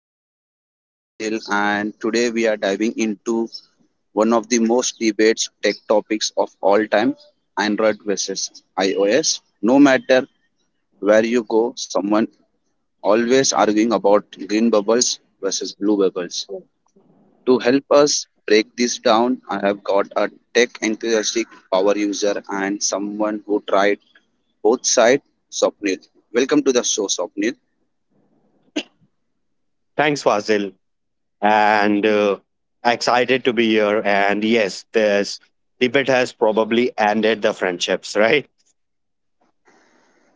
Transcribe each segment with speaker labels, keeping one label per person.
Speaker 1: I'm your host Fazil and today we are diving into one of the most debated tech topics of all time, Android versus iOS. No matter where you go, someone always arguing about green bubbles versus blue bubbles. To help us break this down, I have got a tech enthusiastic power user and someone who tried both sides, Sopnil. Welcome to the show, Sopnil.
Speaker 2: Thanks, Fazil. And Excited to be here. And yes, this debate has probably ended the friendships, right?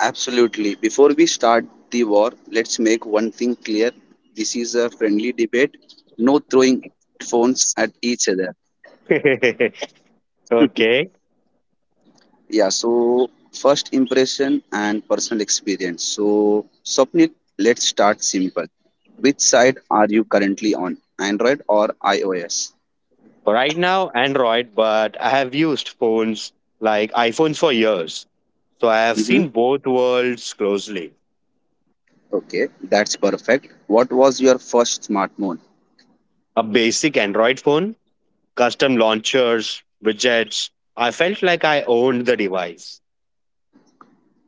Speaker 1: Absolutely. Before we start the war, let's make one thing clear. This is a friendly debate, no throwing phones at each other.
Speaker 2: Okay.
Speaker 1: Yeah, so first impression and personal experience. So, Swapnil, let's start simple. Which side are you currently on, Android or iOS?
Speaker 2: Right now, Android, but I have used phones like iPhones for years. So I have
Speaker 1: Mm-hmm.
Speaker 2: seen both worlds closely.
Speaker 1: Okay, that's perfect. What was your first smartphone?
Speaker 2: A basic Android phone, custom launchers, widgets. I felt like I owned the device.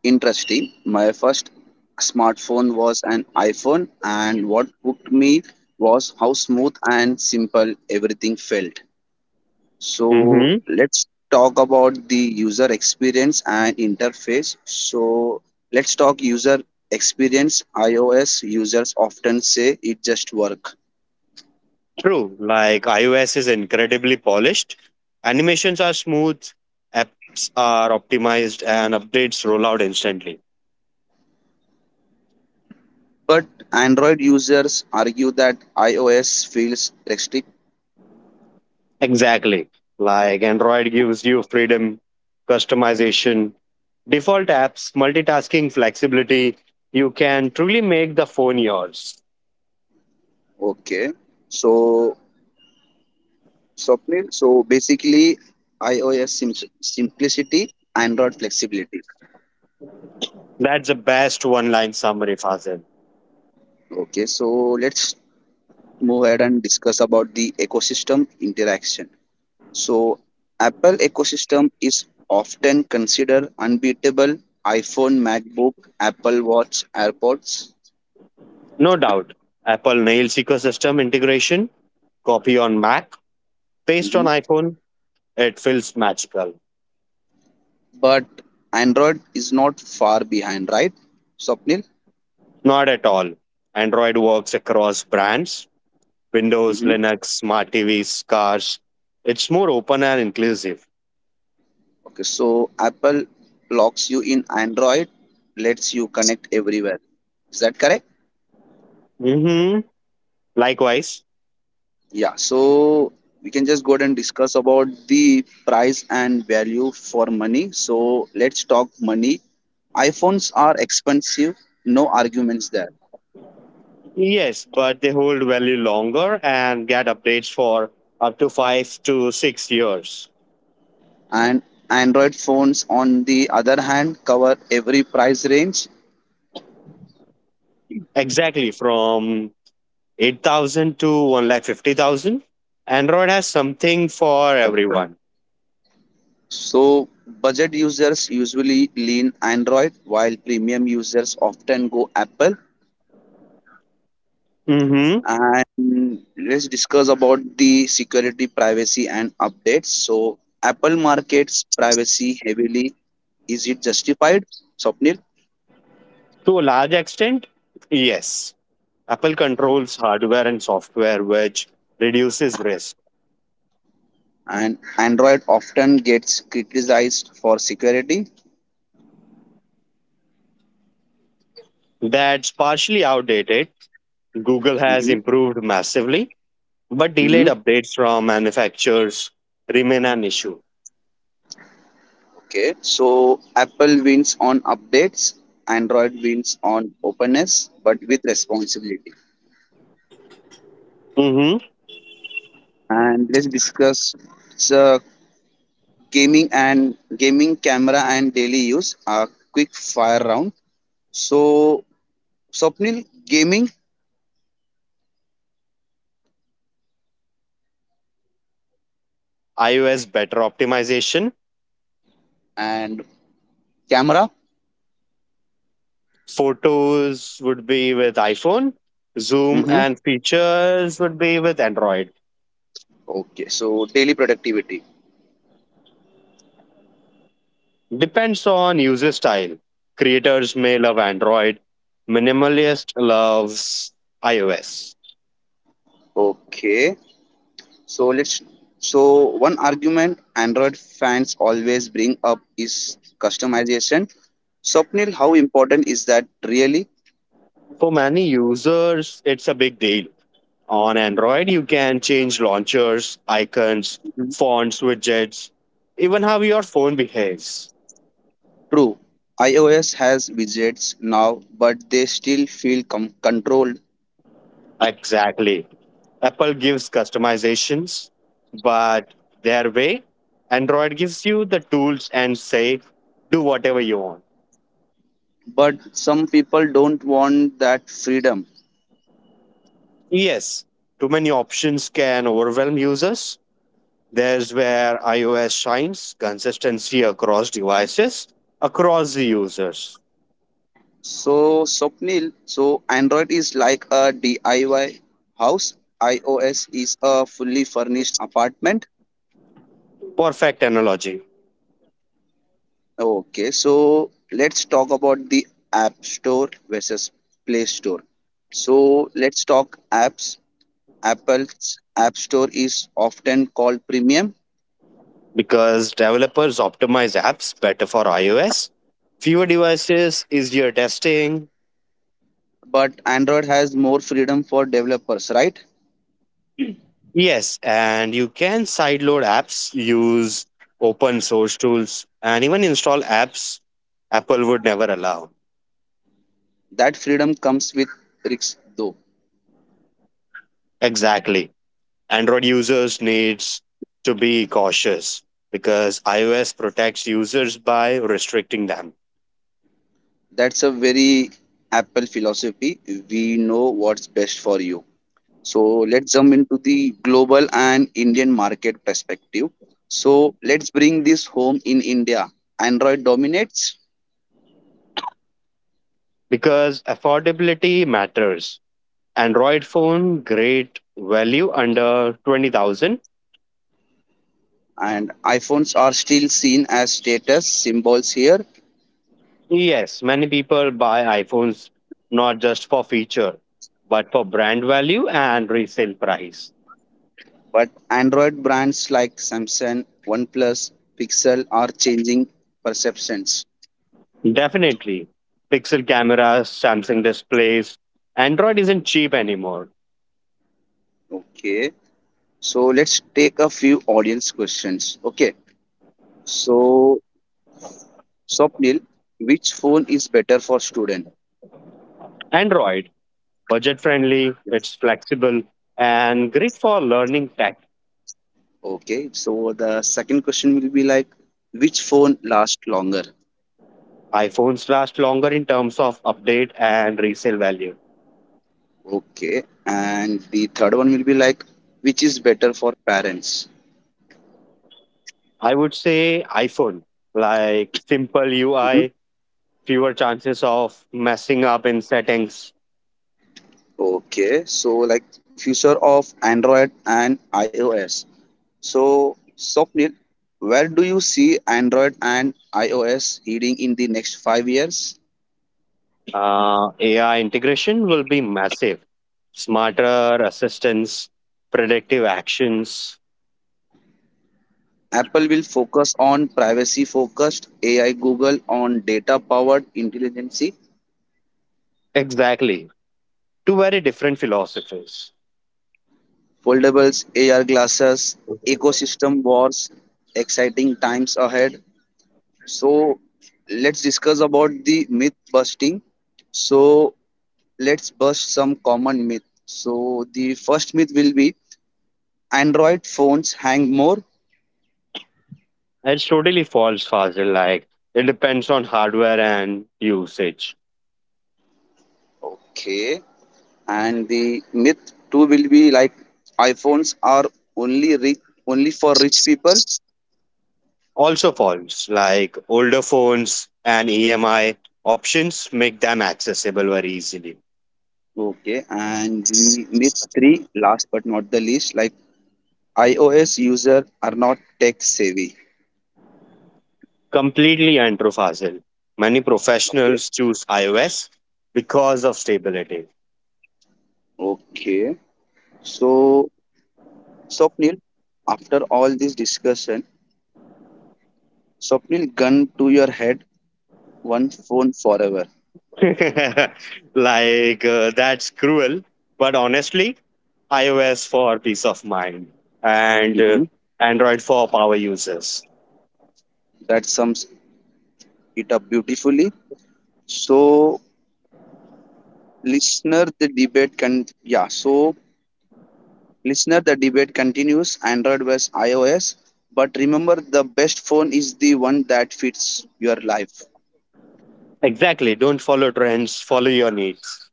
Speaker 1: Interesting. My first smartphone was an iPhone, and what hooked me was how smooth and simple everything felt. So,
Speaker 2: Mm-hmm.
Speaker 1: let's talk about the user experience and interface. So, let's talk user experience. iOS users often say it just work,
Speaker 2: True, like iOS is incredibly polished, animations are smooth, apps are optimized, and updates roll out instantly.
Speaker 1: but Android users argue that iOS feels restrict.
Speaker 2: Exactly. Like Android gives you freedom, customization, default apps, multitasking, flexibility. You can truly make the phone yours.
Speaker 1: Okay. So, Swapnil. So basically, iOS simplicity, Android flexibility.
Speaker 2: That's the best one line summary, Fazil.
Speaker 1: Okay, so let's move ahead and discuss about the ecosystem interaction. So Apple ecosystem is often considered unbeatable. iPhone, MacBook, Apple Watch, AirPods.
Speaker 2: No doubt. Apple nails ecosystem integration, copy on Mac, paste on
Speaker 1: Mhm.
Speaker 2: iPhone. It feels magical.
Speaker 1: But Android is not far behind, right, Swapnil?
Speaker 2: Not at all. Android works across brands Windows, Linux, smart TVs, cars. It's more open and inclusive.
Speaker 1: Okay, so Apple locks you in Android, lets you connect everywhere. Is that correct?
Speaker 2: Hmm. Likewise.
Speaker 1: Yeah, so we can just go ahead and discuss about the price and value for money. So let's talk money. iPhones are expensive, no arguments there.
Speaker 2: Yes, but they hold value longer and get updates for up to 5 to 6 years.
Speaker 1: And Android phones, on the other hand, cover every price range.
Speaker 2: Exactly, from 8,000 to one lakh fifty thousand. Android has something for everyone.
Speaker 1: So budget users usually lean Android, while premium users often go Apple.
Speaker 2: Hmm.
Speaker 1: And let's discuss about the security privacy and updates. So Apple markets privacy heavily, is it justified, Swapnil?
Speaker 2: To a large extent, yes. Apple controls hardware and software, which reduces risk.
Speaker 1: And Android often gets criticized for security.
Speaker 2: That's partially outdated. Google has
Speaker 1: Hmm.
Speaker 2: improved massively, but
Speaker 1: Hmm.
Speaker 2: delayed updates from manufacturers remain an issue.
Speaker 1: Okay, so Apple wins on updates, Android wins on openness but with responsibility.
Speaker 2: Mhm.
Speaker 1: And let's discuss the gaming and gaming camera and daily use, a quick fire round. So, Swapnil, gaming
Speaker 2: iOS better optimization.
Speaker 1: and camera.
Speaker 2: Photos would be with iPhone, Zoom
Speaker 1: Mm-hmm.
Speaker 2: and features would be with Android.
Speaker 1: Okay. So, daily productivity.
Speaker 2: Depends on user style. Creators may love Android, minimalist loves iOS.
Speaker 1: Okay. So, let's. So, one argument Android fans always bring up is customization. Swapnil, how important is that really?
Speaker 2: For many users, it's a big deal. On Android, you can change launchers, icons,
Speaker 1: Mhm.
Speaker 2: fonts, widgets, even how your phone behaves.
Speaker 1: True. iOS has widgets now, but they still feel controlled.
Speaker 2: Exactly. Apple gives customizations, but their way, Android gives you the tools and say, do whatever you want.
Speaker 1: But some people don't want that freedom.
Speaker 2: Yes, too many options can overwhelm users. There's where iOS shines consistency across devices, across the users.
Speaker 1: So Swapnil, so Android is like a DIY house, iOS is a fully furnished apartment.
Speaker 2: Perfect analogy
Speaker 1: Okay, so let's talk about the App Store versus Play Store. So let's talk apps. Apple's App Store is often called premium,
Speaker 2: because developers optimize apps better for iOS, fewer devices, easier testing.
Speaker 1: but Android has more freedom for developers, right?
Speaker 2: Yes, and you can sideload apps, use open source tools, and even install apps Apple would never allow.
Speaker 1: That freedom comes with risks, though.
Speaker 2: Exactly. Android users needs to be cautious because iOS protects users by restricting them
Speaker 1: That's a very Apple philosophy. We know what's best for you. So let's jump into the global and Indian market perspective. So let's bring this home in India. Android dominates
Speaker 2: because affordability matters Android phone, great value under 20,000.
Speaker 1: and iPhones are still seen as status symbols here,
Speaker 2: Yes, many people buy iPhones not just for feature, but for brand value and resale price.
Speaker 1: but Android brands like Samsung, OnePlus, Pixel are changing perceptions.
Speaker 2: Definitely. Pixel cameras, Samsung displays. Android isn't cheap anymore.
Speaker 1: Okay. So let's take a few audience questions. Okay. So Swapnil, which phone is better for student?
Speaker 2: Android, budget friendly, it's flexible, and great for learning tech.
Speaker 1: Okay, so the second question will be like, which phone lasts longer?
Speaker 2: iPhones last longer in terms of update and resale value.
Speaker 1: Okay, and the third one will be like, which is better for parents?
Speaker 2: I would say iPhone, like simple
Speaker 1: Mhm.
Speaker 2: UI, fewer chances of messing up in settings.
Speaker 1: Okay, so like future of Android and iOS. So Swapnil, where do you see Android and iOS heading in the next 5 years?
Speaker 2: AI integration will be massive. Smarter assistance, predictive actions.
Speaker 1: Apple will focus on privacy focused AI, Google on data powered intelligence,
Speaker 2: Exactly. Two very different philosophies.
Speaker 1: foldables, AR glasses, ecosystem wars, exciting times ahead. So let's discuss about the myth busting. So let's bust some common myth. So the first myth will be Android phones hang more.
Speaker 2: It's totally false, Fazil. Like, it depends on hardware and usage.
Speaker 1: Okay. And the myth two will be like iPhones are only rich, only for rich people.
Speaker 2: Also, false. Like, older phones and EMI options make them accessible very easily.
Speaker 1: Okay. And the myth three, last but not the least, like iOS user are not tech savvy.
Speaker 2: Completely Andrew. Many
Speaker 1: Okay.
Speaker 2: professionals choose iOS because of stability.
Speaker 1: Okay. So, Swapnil, after all this discussion, Swapnil, gun to your head, one phone forever.
Speaker 2: That's cruel. But honestly, iOS for peace of mind and
Speaker 1: Mhm.
Speaker 2: Android for power users.
Speaker 1: That sums it up beautifully. So, listener, the debate can yeah. So, listener, the debate continues. Android versus iOS. But remember, the best phone is the one that fits your life.
Speaker 2: Exactly. Don't follow trends, follow your needs.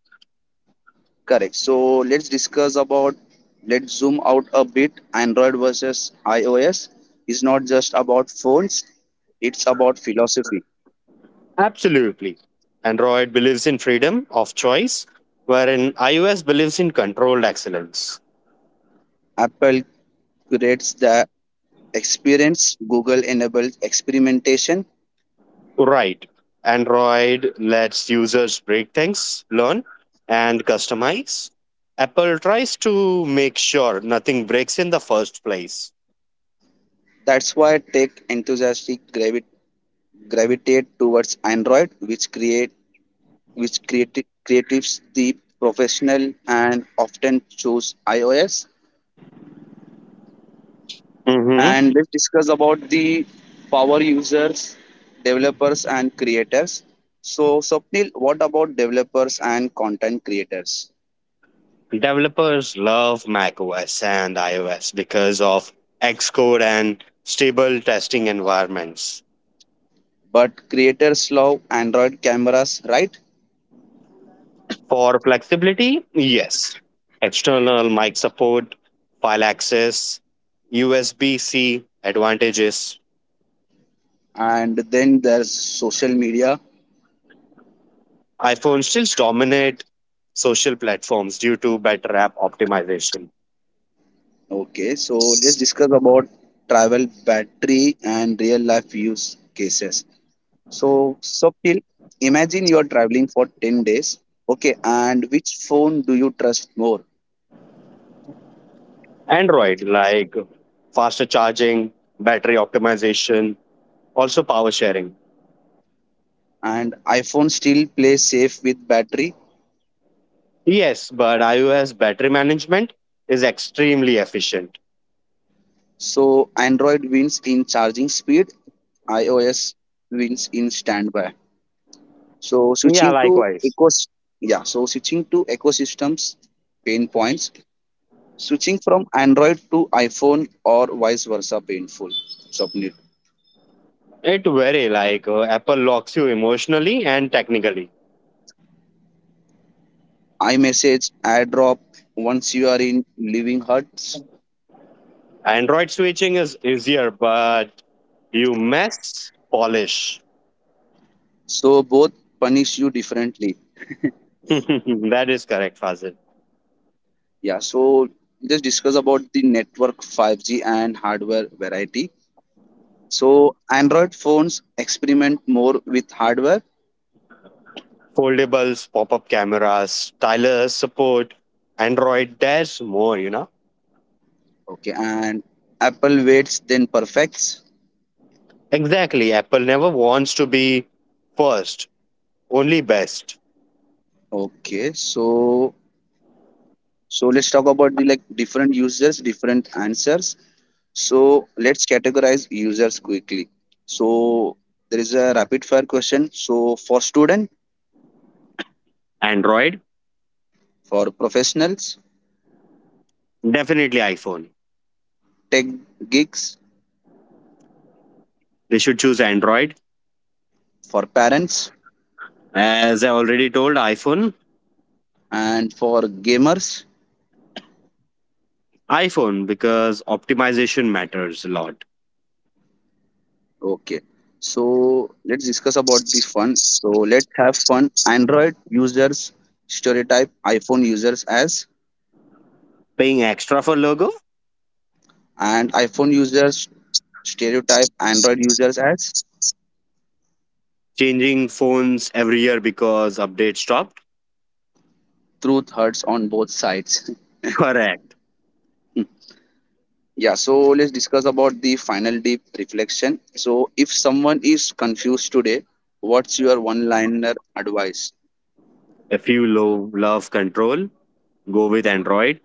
Speaker 1: Correct. So let's discuss about, let's zoom out a bit. Android versus iOS is not just about phones, it's about philosophy.
Speaker 2: Absolutely. Android believes in freedom of choice, wherein iOS believes in controlled excellence.
Speaker 1: Apple curates the experience, Google enables experimentation.
Speaker 2: Right. Android lets users break things, learn, and customize. Apple tries to make sure nothing breaks in the first place.
Speaker 1: That's why tech enthusiasts gravitate towards Android, which creatives the professional and often choose iOS.
Speaker 2: Hmm.
Speaker 1: And let's discuss about the power users, developers, and creators. So, Swapnil, what about developers and content creators?
Speaker 2: Developers love macOS and iOS because of Xcode and stable testing environments.
Speaker 1: But creators love Android cameras, right?
Speaker 2: For flexibility, yes. External mic support, file access, USB C advantages,
Speaker 1: And then there's social media.
Speaker 2: iPhone still dominate social platforms due to better app optimization.
Speaker 1: Okay, so let's discuss about travel battery and real life use cases. So, Swapnil, imagine you are traveling for 10 days. Okay, and which phone do you trust more?
Speaker 2: Android, like faster charging, battery optimization, also power sharing.
Speaker 1: And iPhone still plays safe with battery.
Speaker 2: Yes, but iOS battery management is extremely efficient.
Speaker 1: So Android wins in charging speed, iOS wins in standby. So
Speaker 2: Yeah,
Speaker 1: switching to
Speaker 2: likewise.
Speaker 1: ecos, yeah, so switching to ecosystems pain points. Switching from Android to iPhone or vice versa painful. Submit.
Speaker 2: It very like Apple locks you emotionally and technically.
Speaker 1: iMessage, AirDrop, once you are in living huts.
Speaker 2: Android switching is easier, but you mess polish.
Speaker 1: So both punish you differently.
Speaker 2: That is correct, Fazil.
Speaker 1: Yeah, so let's discuss about the network 5G and hardware variety. So Android phones experiment more with hardware.
Speaker 2: Foldables, pop-up cameras, stylus support, Android There's more, you know.
Speaker 1: Okay, and Apple waits then perfects.
Speaker 2: Exactly, Apple never wants to be first, only best.
Speaker 1: Okay, so, so let's talk about the like different users, different answers. So let's categorize users quickly. So there is a rapid fire question. So for student,
Speaker 2: Android,
Speaker 1: for professionals,
Speaker 2: definitely iPhone.
Speaker 1: tech geeks,
Speaker 2: They should choose Android.
Speaker 1: for parents,
Speaker 2: As I already told, iPhone,
Speaker 1: and for gamers.
Speaker 2: iPhone because optimization matters a lot.
Speaker 1: Okay. So let's discuss about the fun. So let's have fun. Android users stereotype iPhone users as,
Speaker 2: Paying extra for logo,
Speaker 1: and iPhone users stereotype Android users as.
Speaker 2: changing phones every year because update stopped.
Speaker 1: Truth hurts on both sides.
Speaker 2: Correct.
Speaker 1: yeah. So let's discuss about the final deep reflection. So if someone is confused today, what's your one-liner advice?
Speaker 2: If you love control, go with Android.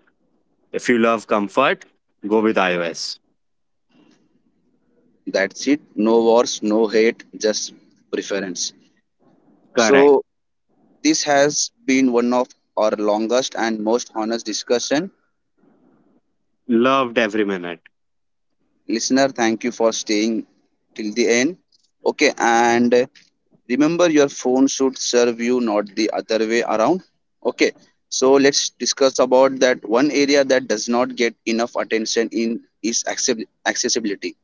Speaker 2: If you love comfort, go with iOS.
Speaker 1: That's it. No wars, no hate, just preference.
Speaker 2: Correct.
Speaker 1: So this has been one of our longest and most honest discussion.
Speaker 2: Loved every minute.
Speaker 1: Listener, thank you for staying till the end. Okay, and remember your phone should serve you, not the other way around. Okay, so let's discuss about that one area that does not get enough attention in is accessibility.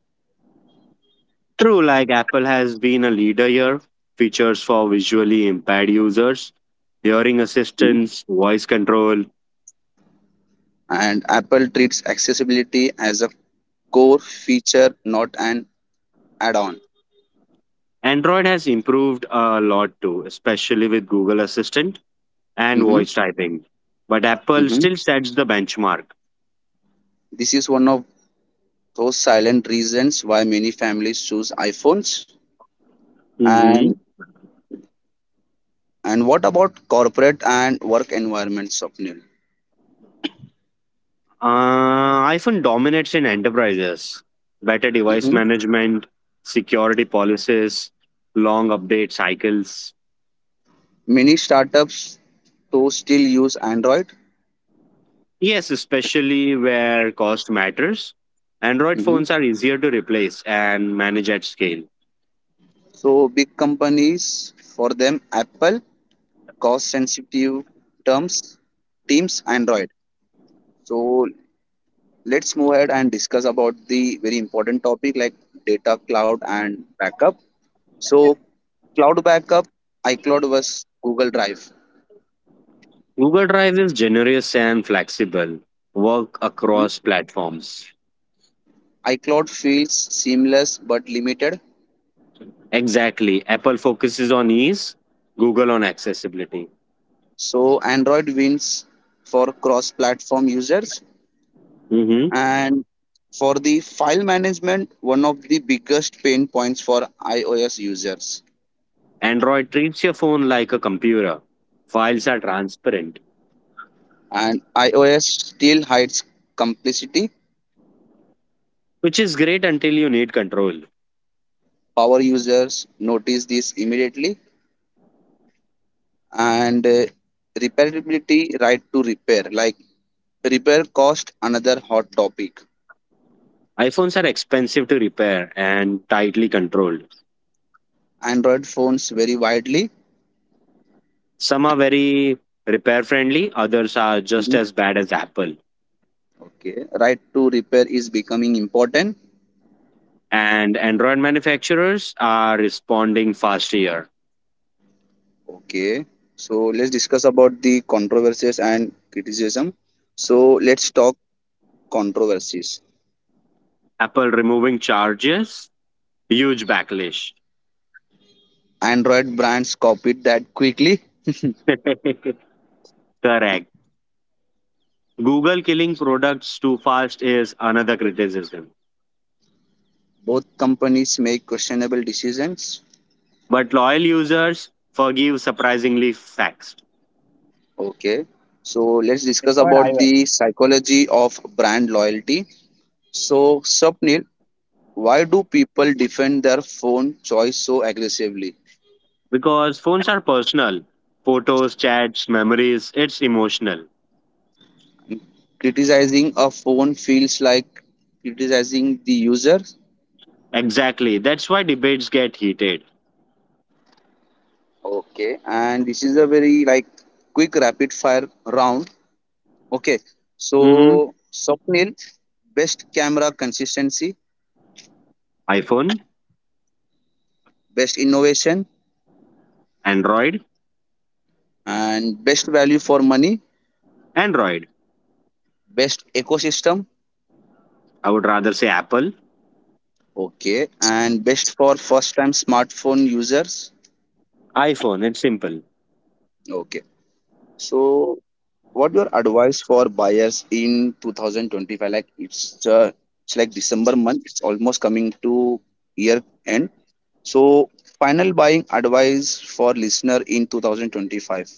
Speaker 2: True, like Apple has been a leader here. Features for visually impaired users, hearing
Speaker 1: Mhm.
Speaker 2: assistance, voice control.
Speaker 1: And Apple treats accessibility as a core feature, not an add-on.
Speaker 2: Android has improved a lot too, especially with Google Assistant and
Speaker 1: Hmm.
Speaker 2: voice typing. But Apple
Speaker 1: Hmm.
Speaker 2: still sets the benchmark.
Speaker 1: This is one of those silent reasons why many families choose iPhones. And
Speaker 2: Mm-hmm.
Speaker 1: and what about corporate and work environments, Swapnil?
Speaker 2: iPhone dominates in enterprises. Better device
Speaker 1: Hmm.
Speaker 2: management, security policies, long update cycles.
Speaker 1: Many startups so still use Android.
Speaker 2: Yes, especially where cost matters. Android
Speaker 1: Hmm.
Speaker 2: phones are easier to replace and manage at scale.
Speaker 1: So big companies for them Apple, cost sensitive terms Teams Android. So let's move ahead and discuss about the very important topic like data cloud and backup. So cloud backup iCloud was Google Drive.
Speaker 2: Google Drive is generous and flexible, work across platforms.
Speaker 1: iCloud feels seamless but limited.
Speaker 2: Exactly. Apple focuses on ease, Google on accessibility.
Speaker 1: So Android wins for cross-platform users.
Speaker 2: Mhm.
Speaker 1: And for the file management, one of the biggest pain points for iOS users.
Speaker 2: Android treats your phone like a computer. Files are transparent
Speaker 1: And iOS still hides complicity.
Speaker 2: which is great until you need control.
Speaker 1: Power users notice this immediately. And repairability, right to repair, like repair cost, another hot topic.
Speaker 2: iPhones are expensive to repair and tightly controlled.
Speaker 1: Android phones vary widely.
Speaker 2: Some are very repair friendly, others are just as bad as Apple.
Speaker 1: Okay, right to repair is becoming important.
Speaker 2: And Android manufacturers are responding fast here.
Speaker 1: Okay, so let's discuss about the controversies and criticism. So let's talk controversies.
Speaker 2: Apple removing charges, huge backlash.
Speaker 1: Android brands copied that quickly.
Speaker 2: Correct. Google killing products too fast is another criticism.
Speaker 1: Both companies make questionable decisions.
Speaker 2: But loyal users forgive surprisingly fast.
Speaker 1: Okay, so let's discuss about the psychology of brand loyalty. So Swapnil, why do people defend their phone choice so aggressively?
Speaker 2: Because phones are personal. Photos, chats, memories, it's emotional.
Speaker 1: Criticizing a phone feels like criticizing the user.
Speaker 2: Exactly. That's why debates get heated.
Speaker 1: Okay. And this is a very like quick rapid fire round. Okay,
Speaker 2: Hmm.
Speaker 1: so Swapnil, best camera consistency,
Speaker 2: iPhone,
Speaker 1: best innovation,
Speaker 2: Android,
Speaker 1: and best value for money,
Speaker 2: Android.
Speaker 1: best ecosystem.
Speaker 2: I would rather say Apple,
Speaker 1: Okay, and best for first time smartphone users.
Speaker 2: iPhone. It's simple.
Speaker 1: Okay. So, what your advice for buyers in 2025? Like it's like December month. It's almost coming to year end. So, final buying advice for listener in 2025.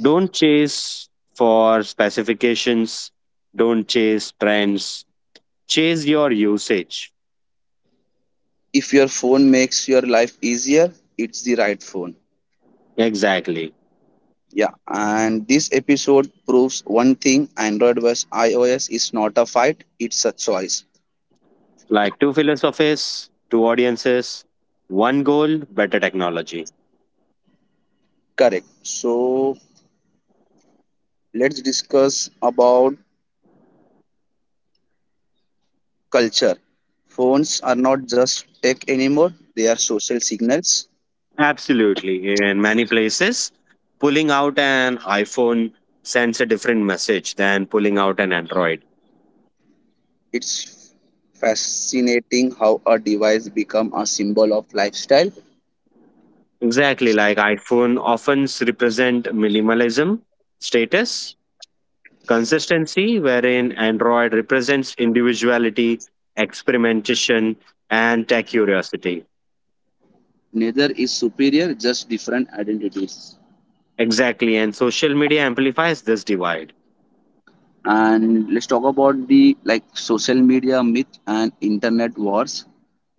Speaker 2: Don't chase for specifications, don't chase trends, chase your usage.
Speaker 1: If your phone makes your life easier, it's the right phone.
Speaker 2: Exactly.
Speaker 1: Yeah, and this episode proves one thing, Android vs iOS is not a fight, it's a choice.
Speaker 2: Like two philosophies, two audiences, one goal, better technology.
Speaker 1: Correct. So, let's discuss about culture. Phones are not just tech anymore, they are social signals.
Speaker 2: Absolutely. In many places, pulling out an iPhone sends a different message than pulling out an Android.
Speaker 1: It's fascinating how a device become a symbol of lifestyle.
Speaker 2: Exactly. Like iPhone often represent minimalism, status, consistency, wherein Android represents individuality, experimentation, and tech curiosity.
Speaker 1: Neither is superior, just different identities.
Speaker 2: Exactly. And social media amplifies this divide
Speaker 1: And let's talk about the like social media myth and internet wars.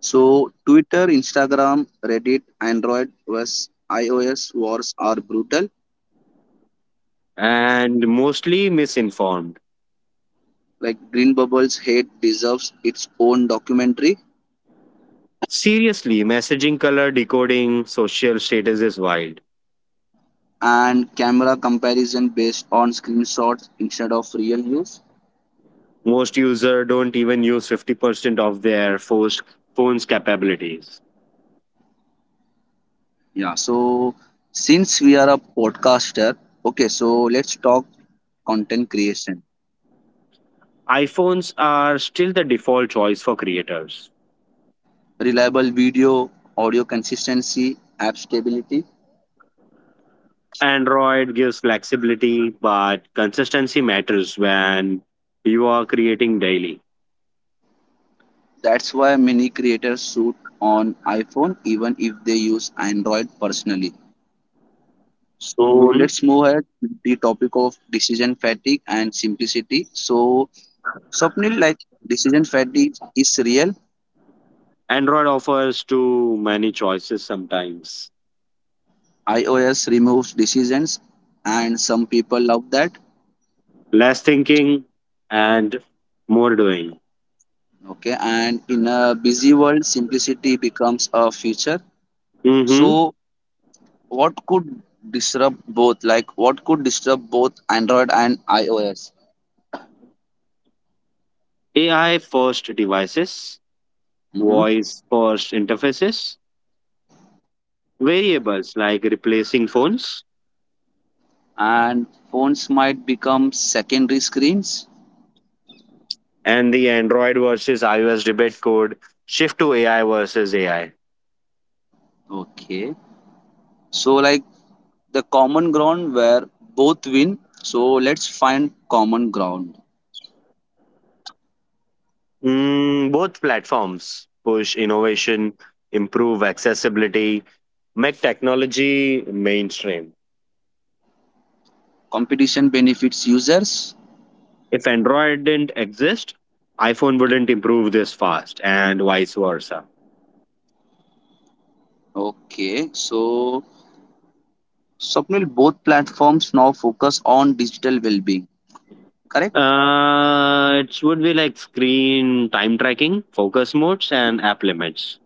Speaker 1: So Twitter, Instagram, Reddit, Android vs iOS wars are brutal.
Speaker 2: and mostly misinformed.
Speaker 1: Like Green Bubbles hate deserves its own documentary.
Speaker 2: Seriously, messaging color decoding social status is wild.
Speaker 1: And camera comparison based on screenshots instead of real use.
Speaker 2: Most users don't even use 50% of their forced phone's capabilities.
Speaker 1: Yeah, so since we are a podcaster, okay, so let's talk content creation,
Speaker 2: iPhones are still the default choice for creators.
Speaker 1: reliable video, audio consistency, app stability.
Speaker 2: Android gives flexibility, but consistency matters when you are creating daily.
Speaker 1: That's why many creators shoot on iPhone even if they use Android personally. So
Speaker 2: Mhm.
Speaker 1: let's move ahead with the topic of decision fatigue and simplicity. So Swapnil, like decision fatigue is real.
Speaker 2: Android offers too many choices sometimes.
Speaker 1: iOS removes decisions, and some people love that.
Speaker 2: Less thinking and more doing.
Speaker 1: Okay, and in a busy world, simplicity becomes a feature.
Speaker 2: Mhm.
Speaker 1: So, what could disrupt both? Like, what could disrupt both Android and iOS?
Speaker 2: AI first devices,
Speaker 1: Hmm.
Speaker 2: voice first interfaces, variables like replacing phones
Speaker 1: And phones might become secondary screens.
Speaker 2: and the Android versus iOS debate could shift to AI versus AI.
Speaker 1: Okay, so like the common ground where both win. So, let's find common ground.
Speaker 2: Mm, both platforms push innovation, improve accessibility, make technology mainstream.
Speaker 1: Competition benefits users.
Speaker 2: If Android didn't exist, iPhone wouldn't improve this fast, and vice versa.
Speaker 1: Okay, so Swapnil, both platforms now focus on digital well-being, correct?
Speaker 2: It would be like screen time tracking, focus modes, and app limits,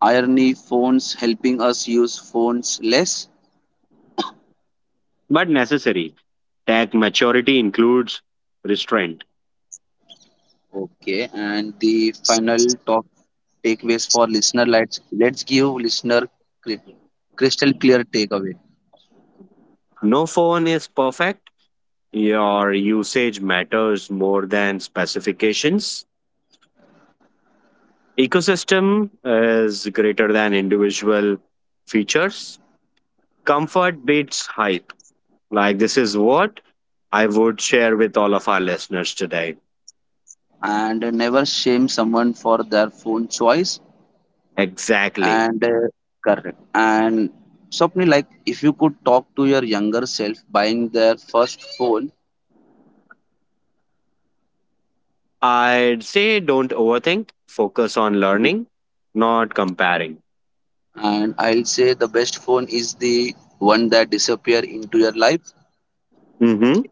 Speaker 1: Irony phones helping us use phones less.
Speaker 2: but necessary. Tech maturity includes restraint.
Speaker 1: Okay, and the final top takeaways for listener. Let's give listener cri- crystal clear takeaway.
Speaker 2: No phone is perfect. Your usage matters more than specifications. Ecosystem is greater than individual features. Comfort beats hype. Like, this is what I would share with all of our listeners today.
Speaker 1: And never shame someone for their phone choice.
Speaker 2: Exactly.
Speaker 1: And correct. And Swapnil, like if you could talk to your younger self buying their first phone,
Speaker 2: I'd say don't overthink, focus on learning, not comparing.
Speaker 1: and I'll say the best phone is the one that disappear into your life.
Speaker 2: Hmm.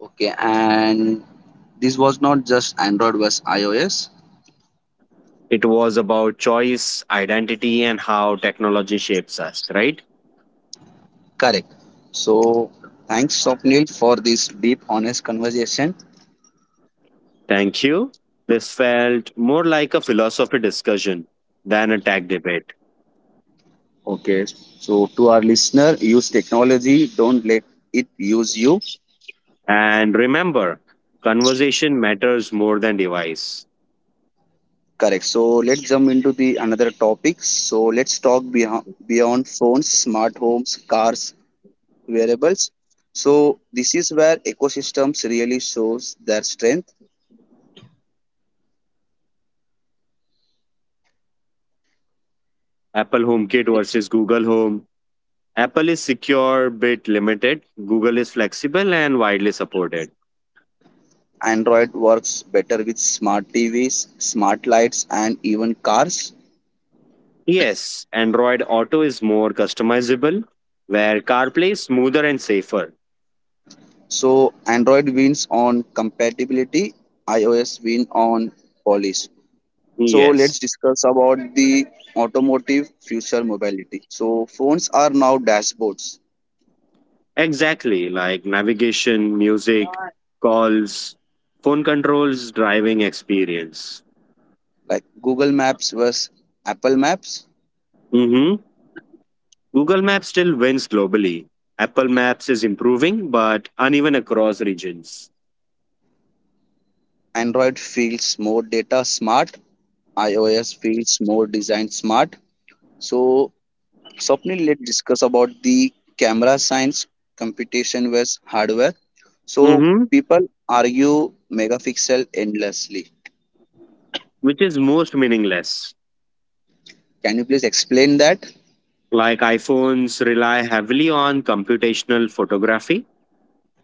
Speaker 1: Okay, and this was not just Android versus iOS.
Speaker 2: It was about choice, identity, and how technology shapes us, right?
Speaker 1: Correct. So thanks Swapnil for this deep, honest conversation.
Speaker 2: Thank you. This felt more like a philosophy discussion than a tech debate.
Speaker 1: Okay, so to our listener, use technology. Don't let it use you.
Speaker 2: And remember, conversation matters more than device.
Speaker 1: Correct. So let's jump into the another topic. So let's talk beyond phones, smart homes, cars, variables. So this is where ecosystems really shows their strength.
Speaker 2: Apple HomeKit versus Google Home. Apple is secure bit limited, Google is flexible and widely supported.
Speaker 1: Android works better with smart TVs, smart lights and even cars.
Speaker 2: Yes, Android Auto is more customizable, where CarPlay is smoother and safer.
Speaker 1: So Android wins on compatibility, iOS win on polish. So
Speaker 2: Yes.
Speaker 1: let's discuss about the automotive future mobility. So phones are now dashboards
Speaker 2: Exactly, like navigation, music, calls, phone controls, driving experience.
Speaker 1: like Google Maps versus Apple Maps.
Speaker 2: Hmm. Google Maps still wins globally. Apple Maps is improving, but uneven across regions.
Speaker 1: Android feels more data smart, iOS feels more design smart. So, Swapnil, let's discuss about the camera science computation versus hardware. So,
Speaker 2: Hmm.
Speaker 1: people argue megapixel endlessly.
Speaker 2: Which is most meaningless.
Speaker 1: Can you please explain that?
Speaker 2: Like iPhones rely heavily on computational photography,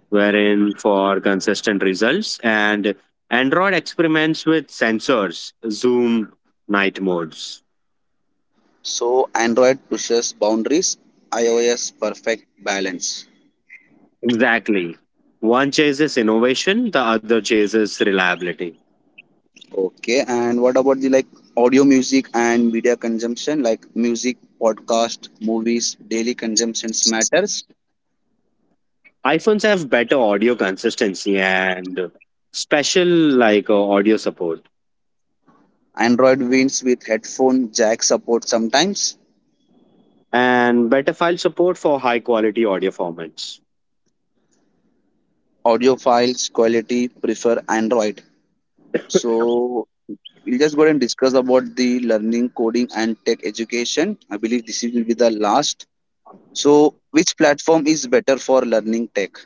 Speaker 2: wherein for consistent results, and Android experiments with sensors, zoom, night modes.
Speaker 1: So, Android pushes boundaries, iOS perfect balance.
Speaker 2: Exactly. One chases innovation, the other chases reliability.
Speaker 1: Okay, and what about the like audio, music, and media consumption, like music, podcast, movies, daily consumptions matters.
Speaker 2: iPhones have better audio consistency and special audio support
Speaker 1: Android wins with headphone jack support sometimes.
Speaker 2: and better file support for high quality audio formats.
Speaker 1: Audio files quality prefer Android. So we'll just go ahead and discuss about the learning, coding, and tech education. I believe this will be the last. So which platform is better for learning tech?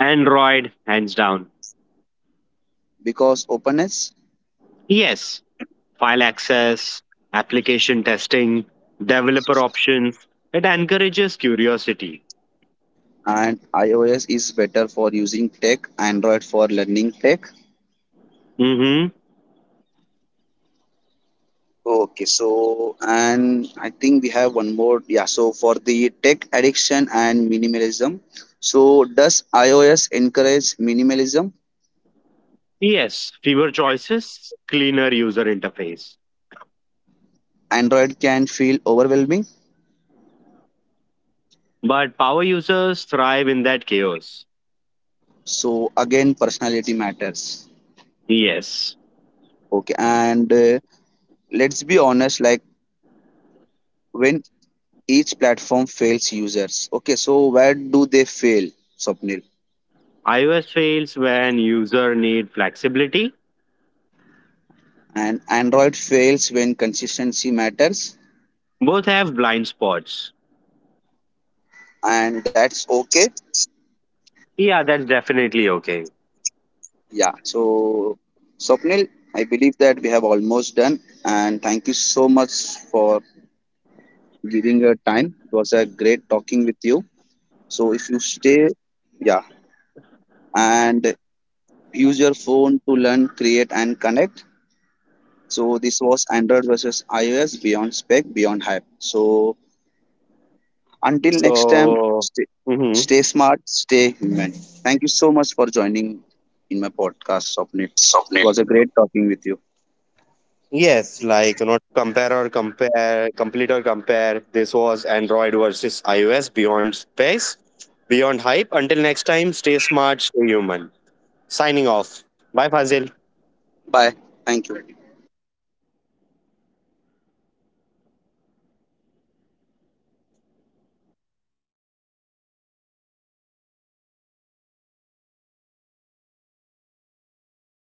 Speaker 2: Android, hands down.
Speaker 1: Because openness,
Speaker 2: Yes, file access, application testing, developer options. It encourages curiosity.
Speaker 1: and iOS is better for using tech, Android for learning tech.
Speaker 2: Mm-hmm.
Speaker 1: Okay, so and I think we have one more. Yeah, so for the tech addiction and minimalism. So does iOS encourage minimalism?
Speaker 2: Yes, fewer choices, cleaner user interface.
Speaker 1: Android can feel overwhelming.
Speaker 2: But power users thrive in that chaos.
Speaker 1: So again, personality matters.
Speaker 2: Yes,
Speaker 1: Okay, and let's be honest. Like when each platform fails users. Okay, so where do they fail, Swapnil?
Speaker 2: iOS fails when user need flexibility.
Speaker 1: And Android fails when consistency matters,
Speaker 2: Both have blind spots.
Speaker 1: and that's okay.
Speaker 2: Yeah, that's definitely okay.
Speaker 1: Yeah. So Swapnil, I believe that we have almost done. And thank you so much for giving your time. It was a great talking with you. So if you stay, yeah. And use your phone to learn, create, and connect. So, this was Android versus iOS Beyond Spec, Beyond Hype. So, until next time,
Speaker 2: So,
Speaker 1: stay,
Speaker 2: mhm.
Speaker 1: stay smart, stay human. Thank you so much for joining in my podcast, Swapnil. It was a great talking with you.
Speaker 2: This was Android versus iOS Beyond Space, Beyond Hype. Until next time, stay smart, stay human. Signing off. Bye, Fazil.
Speaker 1: Bye. Thank you.